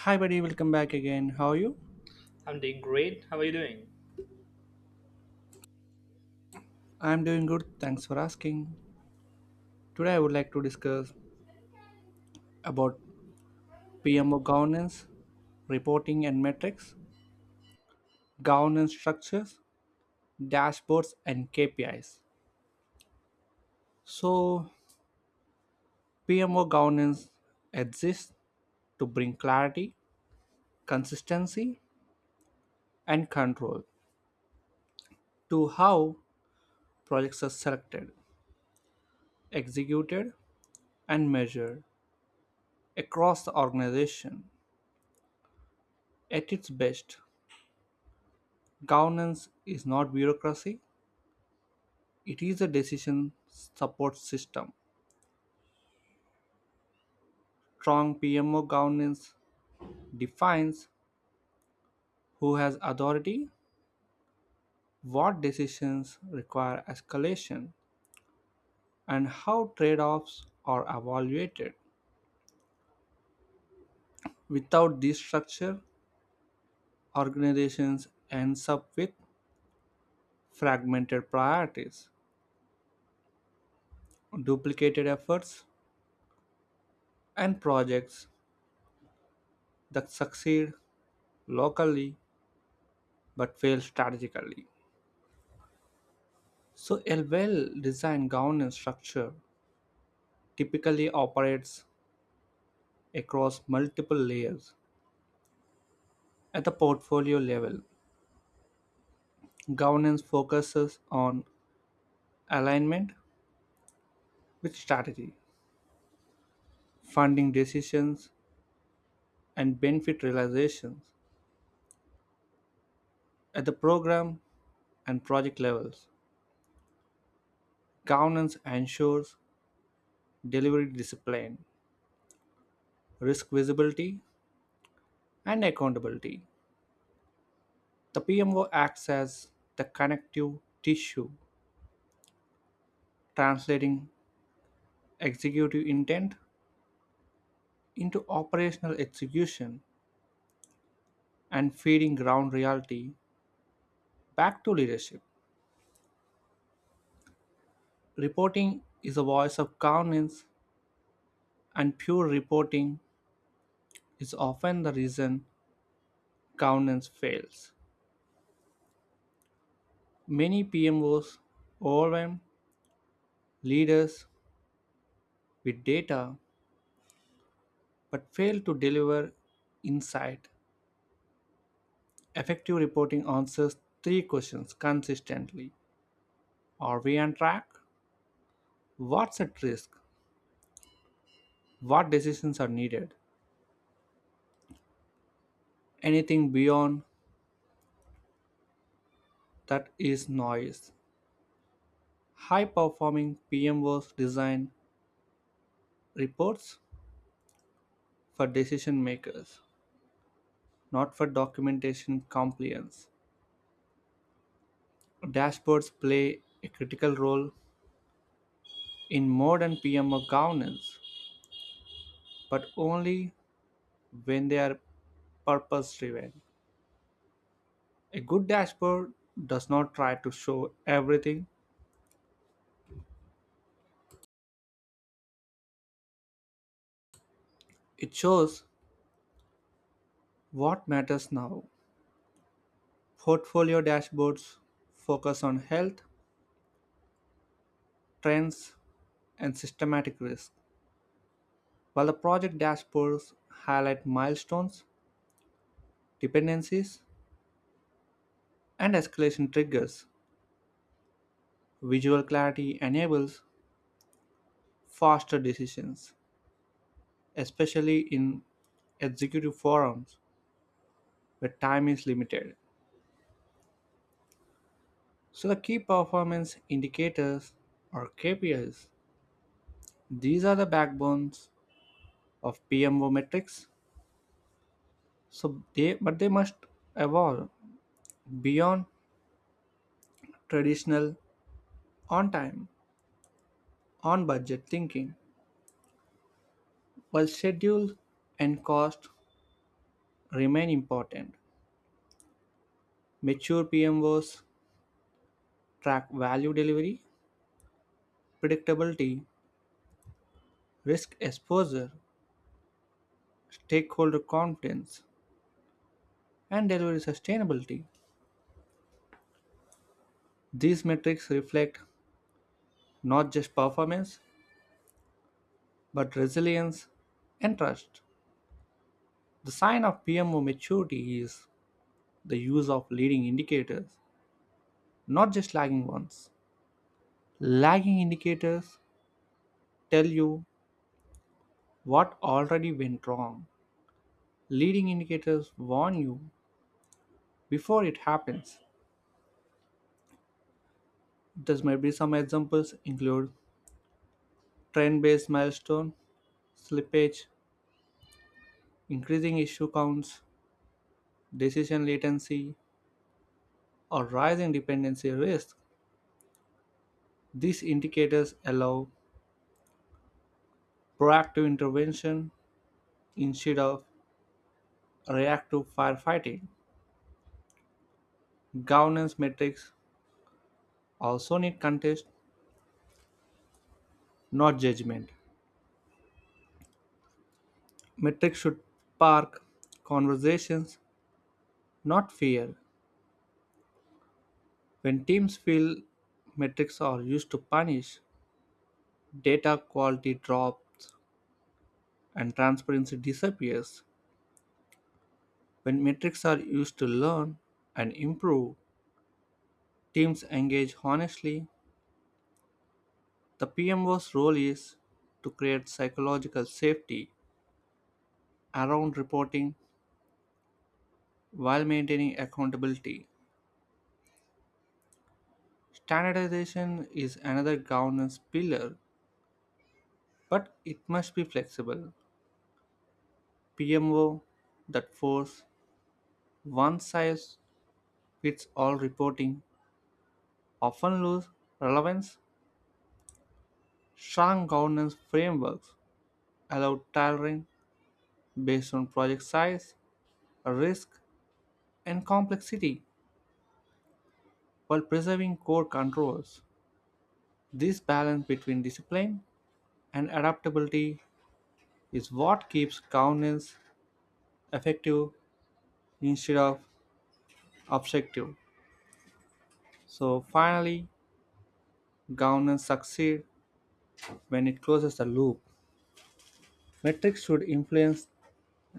Hi, buddy, welcome back again. How are you? I'm doing great. How are you doing? I'm doing good. Thanks for asking. Today, I would like to discuss about PMO governance, reporting and metrics, governance structures, dashboards, and KPIs. So, PMO governance exists to bring clarity, consistency, and control to how projects are selected, executed, and measured across the organization at its best. Governance is not bureaucracy, it is a decision support system. Strong PMO governance defines who has authority, what decisions require escalation, and how trade offs are evaluated. Without this structure, organizations ends up with fragmented priorities, duplicated efforts, and projects that succeed locally but fail strategically. So, a well designed governance structure typically operates across multiple layers. At the portfolio level, governance focuses on alignment with strategy, funding decisions, and benefit realizations. At the program and project levels, governance ensures delivery discipline, risk visibility, and accountability. The PMO acts as the connective tissue, translating executive intent into operational execution and feeding ground reality back to leadership. Reporting is a voice of governance, and pure reporting is often the reason governance fails. Many PMOs overwhelm leaders with data but fail to deliver insight. Effective reporting answers three questions consistently: Are we on track? What's at risk? What decisions are needed? Anything beyond that is noise. High performing PMOs design reports for decision makers, not for documentation compliance. Dashboards play a critical role in modern PMO governance, but only when they are purpose driven. A good dashboard does not try to show everything, it shows what matters now. Portfolio dashboards focus on health, trends, and systematic risk, while the project dashboards highlight milestones, dependencies, and escalation triggers. Visual clarity enables faster decisions, especially in executive forums where time is limited. So, the key performance indicators or KPIs, these are the backbones of PMO metrics. So, they but they must evolve beyond traditional on time, on budget thinking. While schedule and cost remain important, mature PMOs track value delivery, predictability, risk exposure, stakeholder confidence, and delivery sustainability. These metrics reflect not just performance, but resilience and trust. The sign of PMO maturity is the use of leading indicators, not just lagging ones. Lagging indicators tell you what already went wrong. Leading indicators warn you before it happens. This may be some examples include trend based milestone, slippage, increasing issue counts, decision latency, or rising dependency risk. These indicators allow proactive intervention instead of reactive firefighting. Governance metrics also need context, not judgment. Metrics should spark conversations, not fear. When teams feel metrics are used to punish, data quality drops and transparency disappears. When metrics are used to learn and improve, teams engage honestly. The PMO's role is to create psychological safety around reporting while maintaining accountability. Standardization is another governance pillar, but it must be flexible. PMO that force one size, Which all reporting often lose relevance, strong governance frameworks allow tailoring based on project size, risk, and complexity while preserving core controls. This balance between discipline and adaptability is what keeps governance effective instead of obstructive. So finally, governance succeeds when it closes the loop. Metrics should influence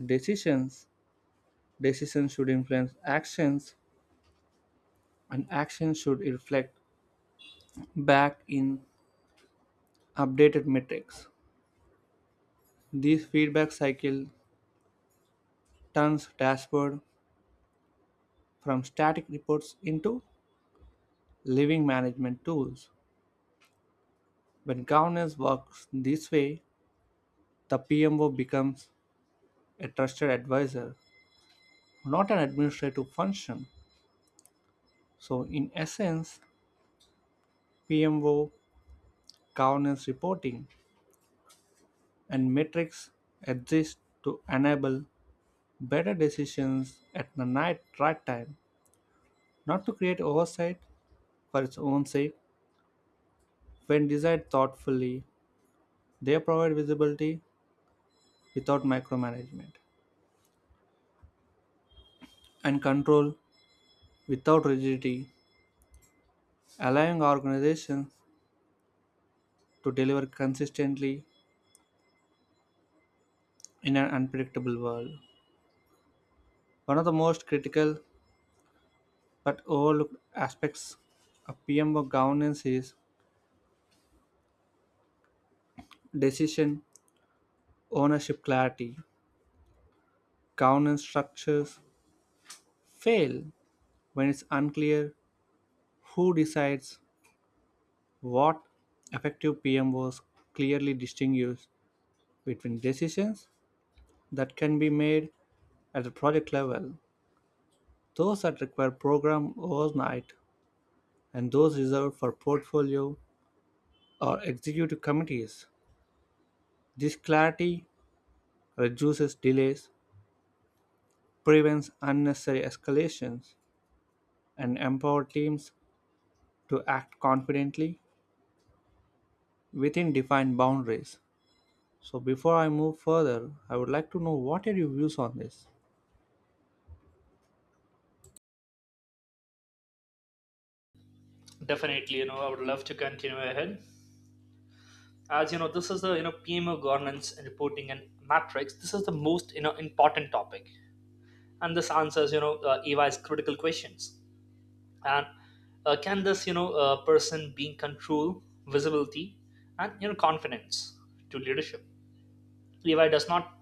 decisions. Decisions should influence actions, and actions should reflect back in updated metrics. This feedback cycle turns dashboard from static reports into living management tools. When governance works this way, the PMO becomes a trusted advisor, not an administrative function. So, in essence, PMO, governance reporting, and metrics exist to enable better decisions at the night, right time, not to create oversight for its own sake. When designed thoughtfully, they provide visibility without micromanagement and control without rigidity, allowing organizations to deliver consistently in an unpredictable world. One of the most critical but overlooked aspects of PMO governance is decision ownership clarity. Governance structures fail when it's unclear who decides what. Effective PM PMOs clearly distinguish between decisions that can be made at the project level, those that require program oversight, and those reserved for portfolio or executive committees. This clarity reduces delays, prevents unnecessary escalations, and empowers teams to act confidently within defined boundaries. So before I move further, I would like to know what are your views on this? Definitely, I would love to continue ahead. As you know, this is the PMO governance and reporting and matrix. This is the most important topic, and this answers EY's critical questions. And can this person being control, visibility, and confidence to leadership? EY does not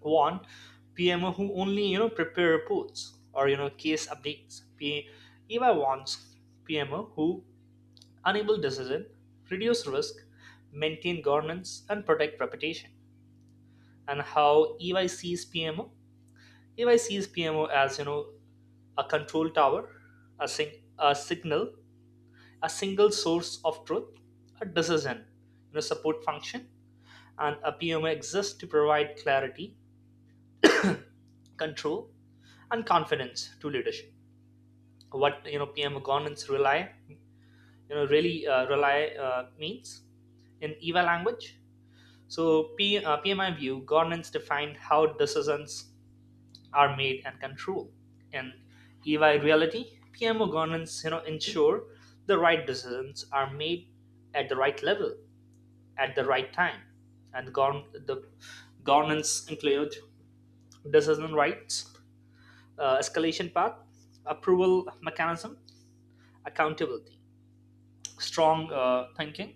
want PMO who only prepare reports or case updates. EYE wants PMO who enable decision, reduce risk, maintain governance, and protect reputation. And how EY sees PMO? EY sees PMO as a control tower, a signal, a single source of truth, a decision, support function, and a PMO exists to provide clarity, control, and confidence to leadership. What PMO governance rely you know really rely means in EY language. So, PMI view governance defined how decisions are made and controlled. In EY reality, PMO governance ensure the right decisions are made at the right level at the right time, and the governance include decision rights, escalation path, approval mechanism, accountability, strong thinking.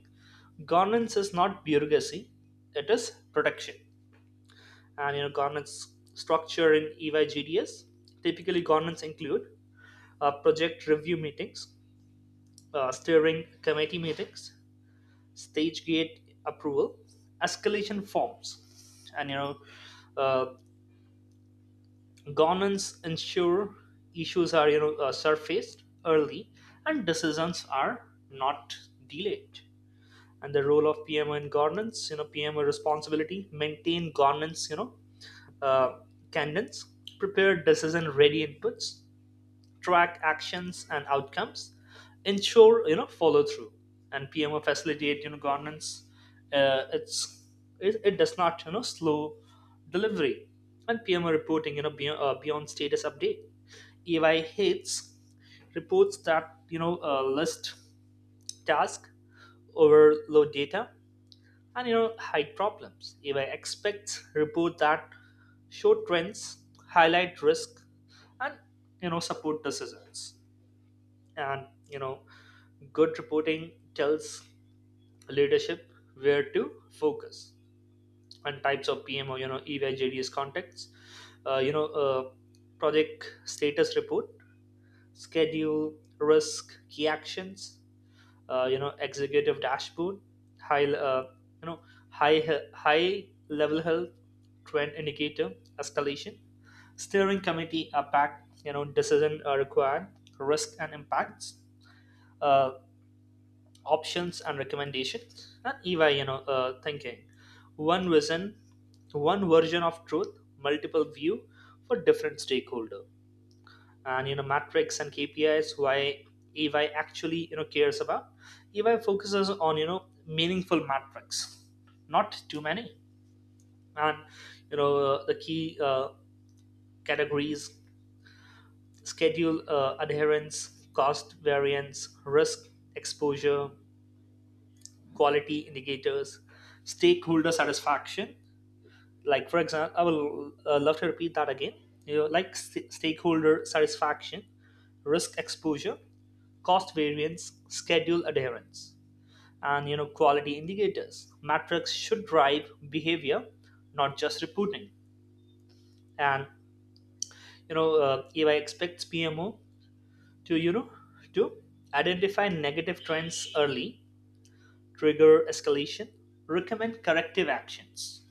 Governance is not bureaucracy; it is protection. And governance structure in EYGDS. Typically, governance include project review meetings, steering committee meetings, stage gate approval, escalation forms, and uh, governance ensure issues are surfaced early and decisions are not delayed. And the role of PMO in governance, PMO responsibility maintain governance, uh, tendons, prepare decision-ready inputs, track actions and outcomes, ensure follow through, and PMO facilitate governance. Uh, it's it does not slow delivery, and PMO reporting beyond status update. EY hates reports that list task, overload data, and hide problems. AI expects report that show trends, highlight risk, and support decisions. And good reporting tells leadership where to focus, and types of PM or EY JDS contacts. Uh, you know uh, project status report, schedule, risk, key actions, executive dashboard, high you know high he- high level health, trend indicator, escalation, steering committee impact, decision required, risk and impacts, uh, options and recommendations, and EY thinking, one vision, one version of truth, multiple view for different stakeholder, and metrics and KPIs why EY actually cares about. EY focuses on meaningful metrics, not too many, and the key categories: schedule adherence, cost variance, risk exposure, quality indicators, stakeholder satisfaction. Like for example, I will love to repeat that again. You know, like stakeholder satisfaction, risk exposure, cost variance, schedule adherence, and quality indicators. Metrics should drive behavior, not just reporting. And EY expects PMO to you know to identify negative trends early, trigger escalation, recommend corrective actions.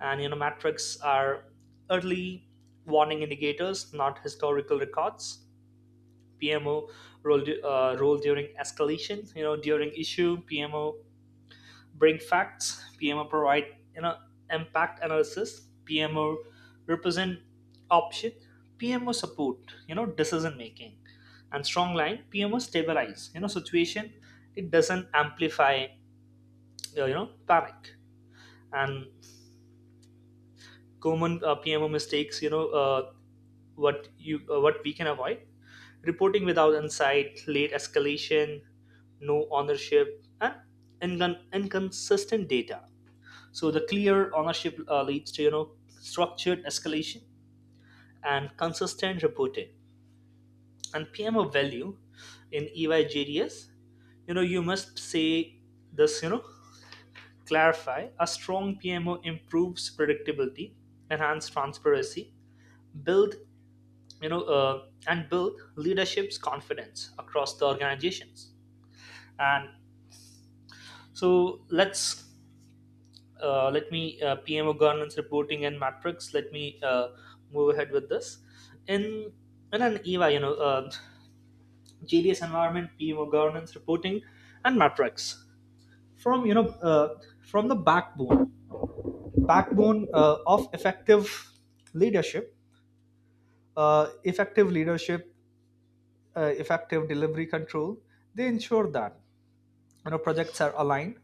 And metrics are early warning indicators, not historical records. PMO role, role during escalation. You know, during issue, PMO bring facts. PMO provide you know impact analysis. PMO represent option. PMO support decision making and strong line. PMO stabilize situation. It doesn't amplify panic, and common PMO mistakes. What we can avoid: reporting without insight, late escalation, no ownership, and inconsistent data. So the clear ownership leads to structured escalation and consistent reporting. And PMO value in EYJDS, you must say this, clarify a strong PMO improves predictability, enhance transparency, build, and build leadership's confidence across the organizations. And so let's let me PMO governance reporting and metrics. Let me move ahead with this. In in an EVA, JDS environment, PMO governance reporting, and metrics from from the backbone of effective leadership, leadership, effective delivery control. They ensure that projects are aligned,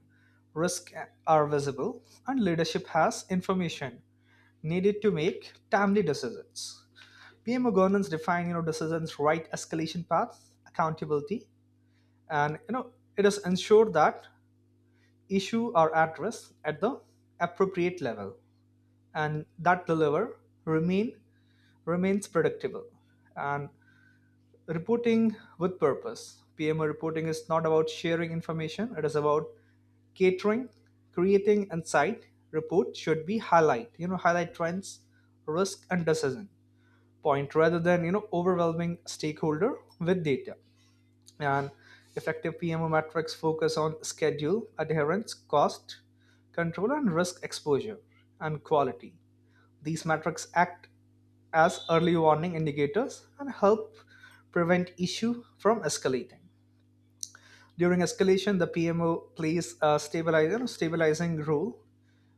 risks are visible, and leadership has information needed to make timely decisions. PMO governance define decisions right, escalation paths, accountability, and it is ensured that issue are addressed at the appropriate level, and that deliver remain remains predictable, and reporting with purpose. PMO reporting is not about sharing information; it is about catering, creating insight. Report should be highlight, highlight trends, risk, and decision point rather than overwhelming stakeholder with data. And effective PMO metrics focus on schedule adherence, cost control, and risk exposure, and quality. These metrics act as early warning indicators and help prevent issue from escalating. During escalation, the PMO plays stabilizing role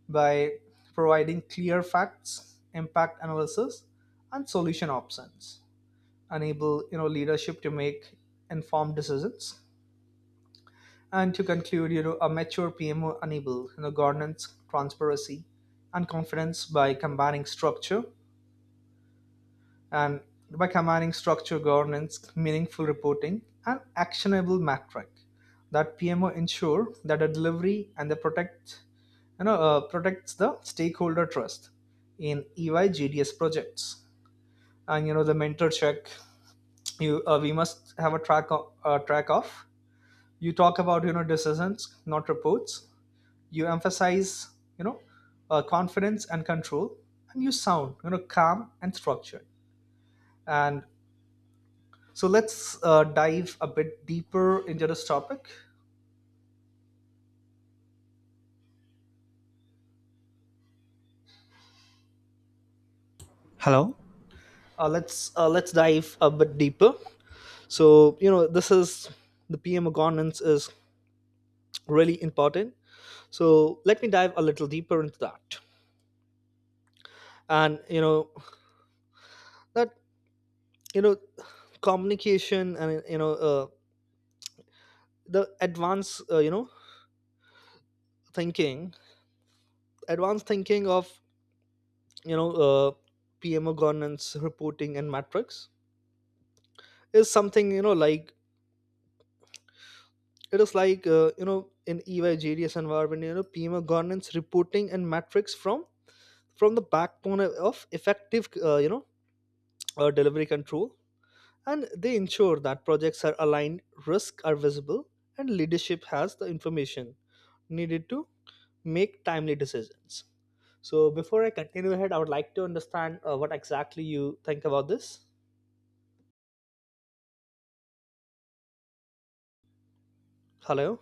by providing clear facts, impact analysis, and solution options, enable leadership to make informed decisions. And to conclude, a mature PMO enable governance, transparency, and confidence by combining structure and, by combining structure governance, meaningful reporting, and actionable metric. That PMO ensure that the delivery and the protect, protects the stakeholder trust in EY GDS projects. And the mentor check, you we must have track of, you talk about decisions, not reports. You emphasize you know confidence and control, and you sound calm and structured. And so let's dive a bit deeper into this topic. Hello. Let's Let's dive a bit deeper. So this is the PMO governance is really important, so let me dive a little deeper into that. And you know that you know communication and you know the advanced you know thinking advanced thinking of you know uh, PMO governance reporting and metrics is something you know like it is like you know in EY environment, PMO governance reporting and metrics from the backbone of effective delivery control. And they ensure that projects are aligned, risks are visible, and leadership has the information needed to make timely decisions. So before I continue ahead, I would like to understand what exactly you think about this. Hello.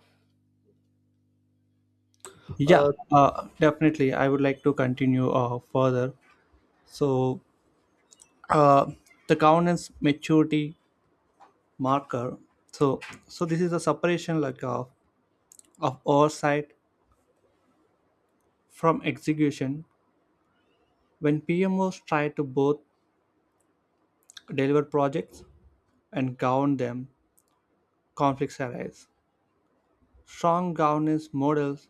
Yeah, uh, definitely. I would like to continue further. So, uh, the governance maturity marker. So, so this is a separation like of oversight from execution. When PMOs try to both deliver projects and govern them, conflicts arise. Strong governance models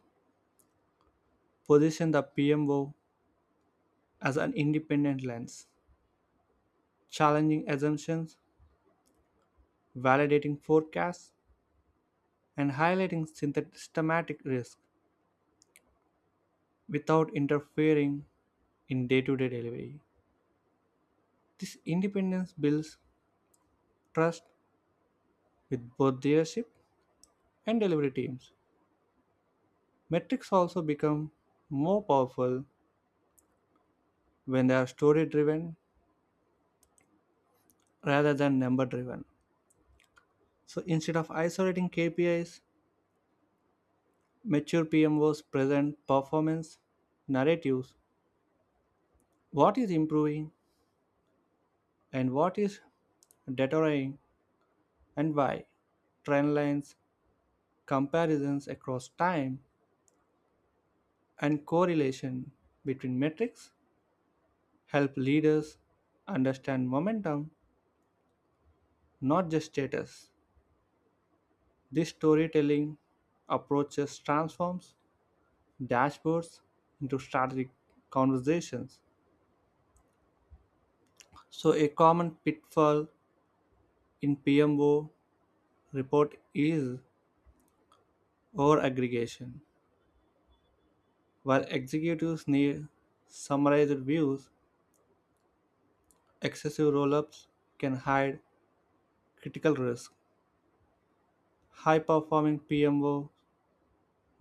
position the PMO as an independent lens, challenging assumptions, validating forecasts, and highlighting systematic risk without interfering in day to day delivery. This independence builds trust with both leadership and delivery teams. Metrics also become more powerful when they are story driven rather than number driven. So instead of isolating KPIs, mature PMOs present performance narratives, what is improving and what is deteriorating and why, trend lines, comparisons across time and correlation between metrics help leaders understand momentum, not just status. This storytelling approaches transforms dashboards into strategic conversations. So, a common pitfall in PMO report is over aggregation. While executives need summarized views, excessive roll ups can hide critical risk. High performing PMO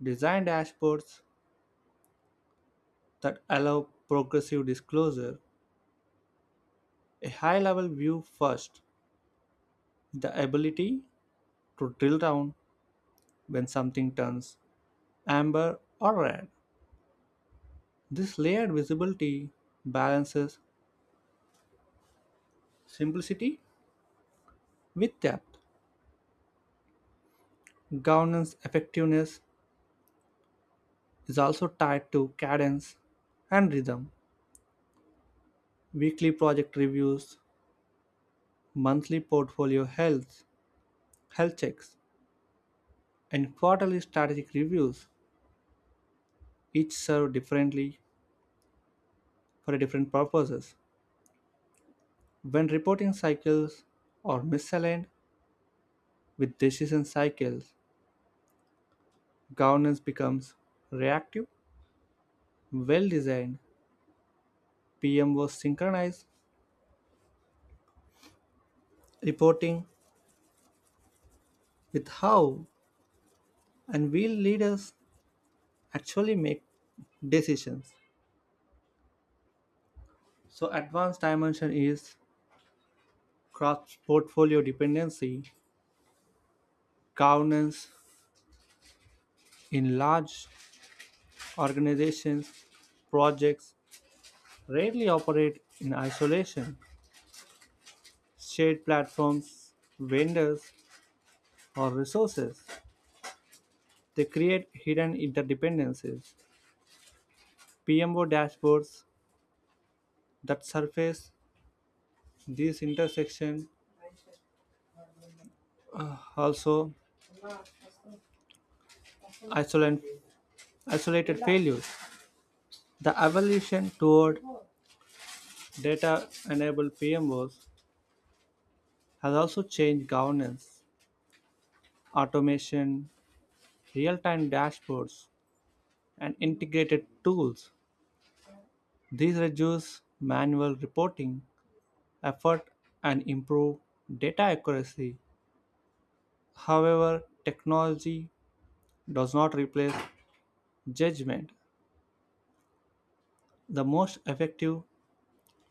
design dashboards that allow progressive disclosure, a high level view first, the ability to drill down when something turns amber or red. This layered visibility balances simplicity with depth. Governance effectiveness is also tied to cadence and rhythm. Weekly project reviews, monthly portfolio health checks, and quarterly strategic reviews each serve differently for different purposes. When reporting cycles are misaligned with decision cycles, governance becomes reactive. Well designed PMOs synchronize reporting with how and will leaders actually make decisions. So, advanced dimension is cross portfolio dependency, governance in large organizations, projects rarely operate in isolation. Shared platforms, vendors, or resources. They create hidden interdependencies. PMO dashboards that surface these intersections also isolate, isolated failures. The evolution toward data enabled PMOs has also changed governance, automation, real time dashboards, and integrated tools. These reduce manual reporting effort and improve data accuracy. However, technology does not replace judgment. The most effective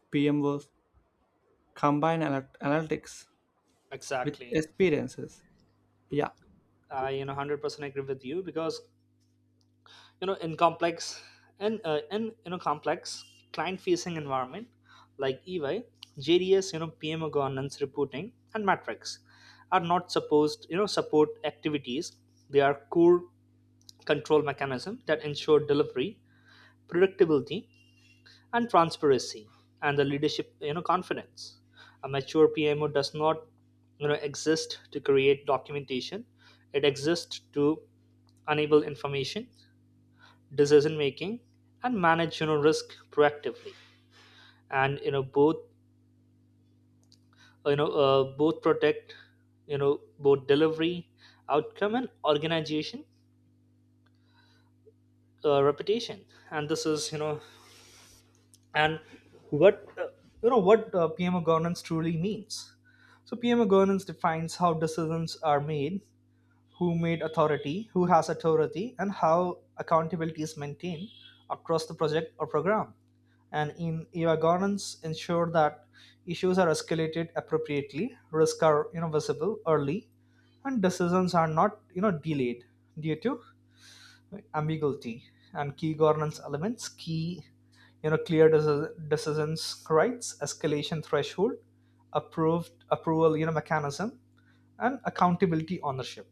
PMOs combine analytics with Exactly. experiences. Yeah. I 100% agree with you, because you know in complex you know complex client facing environment like EY, JDS, PMO governance reporting and metrics are not supposed support activities. They are core control mechanism that ensure delivery, predictability, and transparency, and the leadership confidence. A mature PMO does not exist to create documentation; it exists to enable information, decision making, and manage risk proactively, and you know both protect you know both delivery outcome and organization reputation. And this is you know and what you know what PMO governance truly means. So PMO governance defines how decisions are made, who has authority, and how accountability is maintained across the project or program. And in EVA governance, ensure that issues are escalated appropriately, risks are visible early, and decisions are not delayed due to ambiguity. And key governance elements, key, clear decisions rights, escalation threshold, approved approval mechanism, and accountability ownership.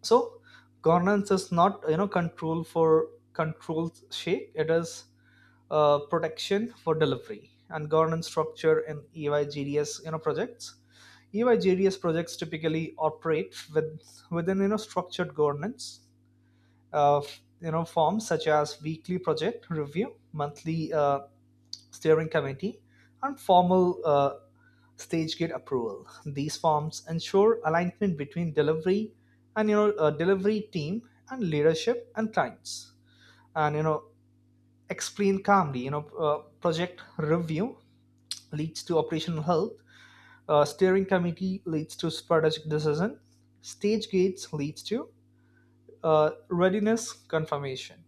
So governance is not control for controls shake; it is protection for delivery. And governance structure in EYGDS projects, EYGDS projects typically operate with within structured governance uh, forms, such as weekly project review, monthly steering committee, and formal stage gate approval. These forms ensure alignment between delivery and delivery team and leadership and clients. And explain calmly. Project review leads to operational health. Steering committee leads to strategic decision. Stage gates leads to readiness confirmation.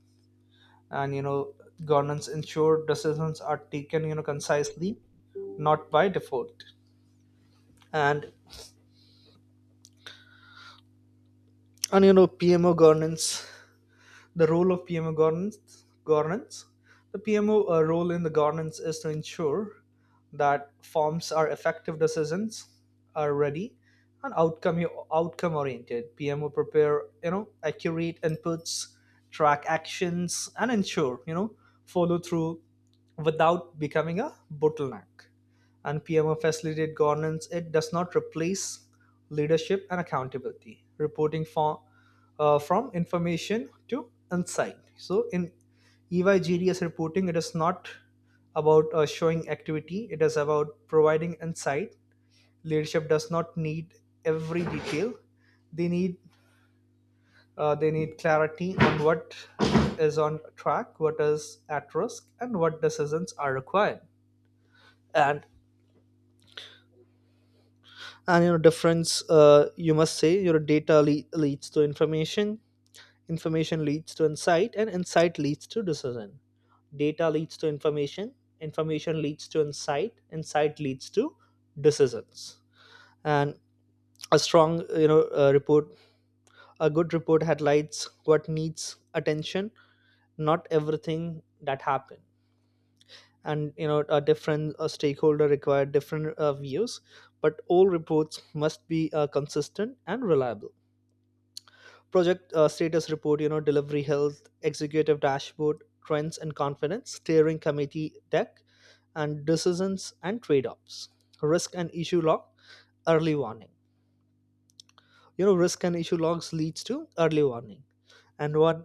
And governance ensure decisions are taken concisely, not by default. And and you know PMO governance, governance, the PMO role in the governance is to ensure that forms are effective, decisions are ready, and outcome oriented. PMO prepare you know accurate inputs, track actions, and ensure follow through without becoming a bottleneck. And PMO facilitate governance; it does not replace leadership and accountability. Reporting form, from information to insight. So in EYGDS reporting, it is not about showing activity; it is about providing insight. Leadership does not need every detail. They need they need clarity on what is on track, what is at risk, and what decisions are required. And difference, you must say, your data leads to information, information leads to insight, and insight leads to decision. Data leads to information information leads to insight insight leads to decisions and A strong you know report a good report highlights what needs attention, not everything that happened. And a different stakeholder required different views, but reports must be consistent and reliable. Project status report, delivery health, executive dashboard, trends and confidence, steering committee deck, and decisions and trade-offs, risk and issue log, early warning. Risk and issue logs leads to early warning, and one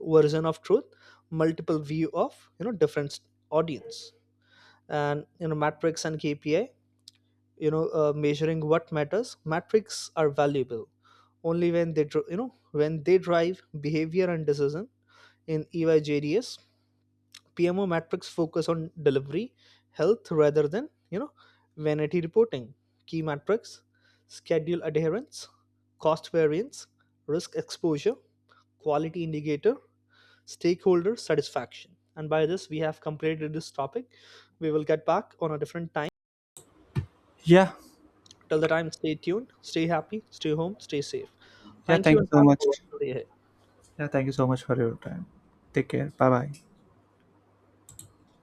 version of truth, multiple view of different audience. And matrix and KPI, measuring what matters. Matrix are valuable only when they dr- you know when they drive behavior and decision. In EYJDS, PMO metrics focus on delivery, health rather than vanity reporting. Key metrics: schedule adherence, cost variance, risk exposure, quality indicator, stakeholder satisfaction. And by this, we have completed this topic. We will get back on a different time. Yeah. Till the time, stay tuned, stay happy, stay home, stay safe. Yeah. Thank you, Thank you and so have a much. wonderful day. Ahead. Yeah. Thank you so much for your time. Take care. Bye bye.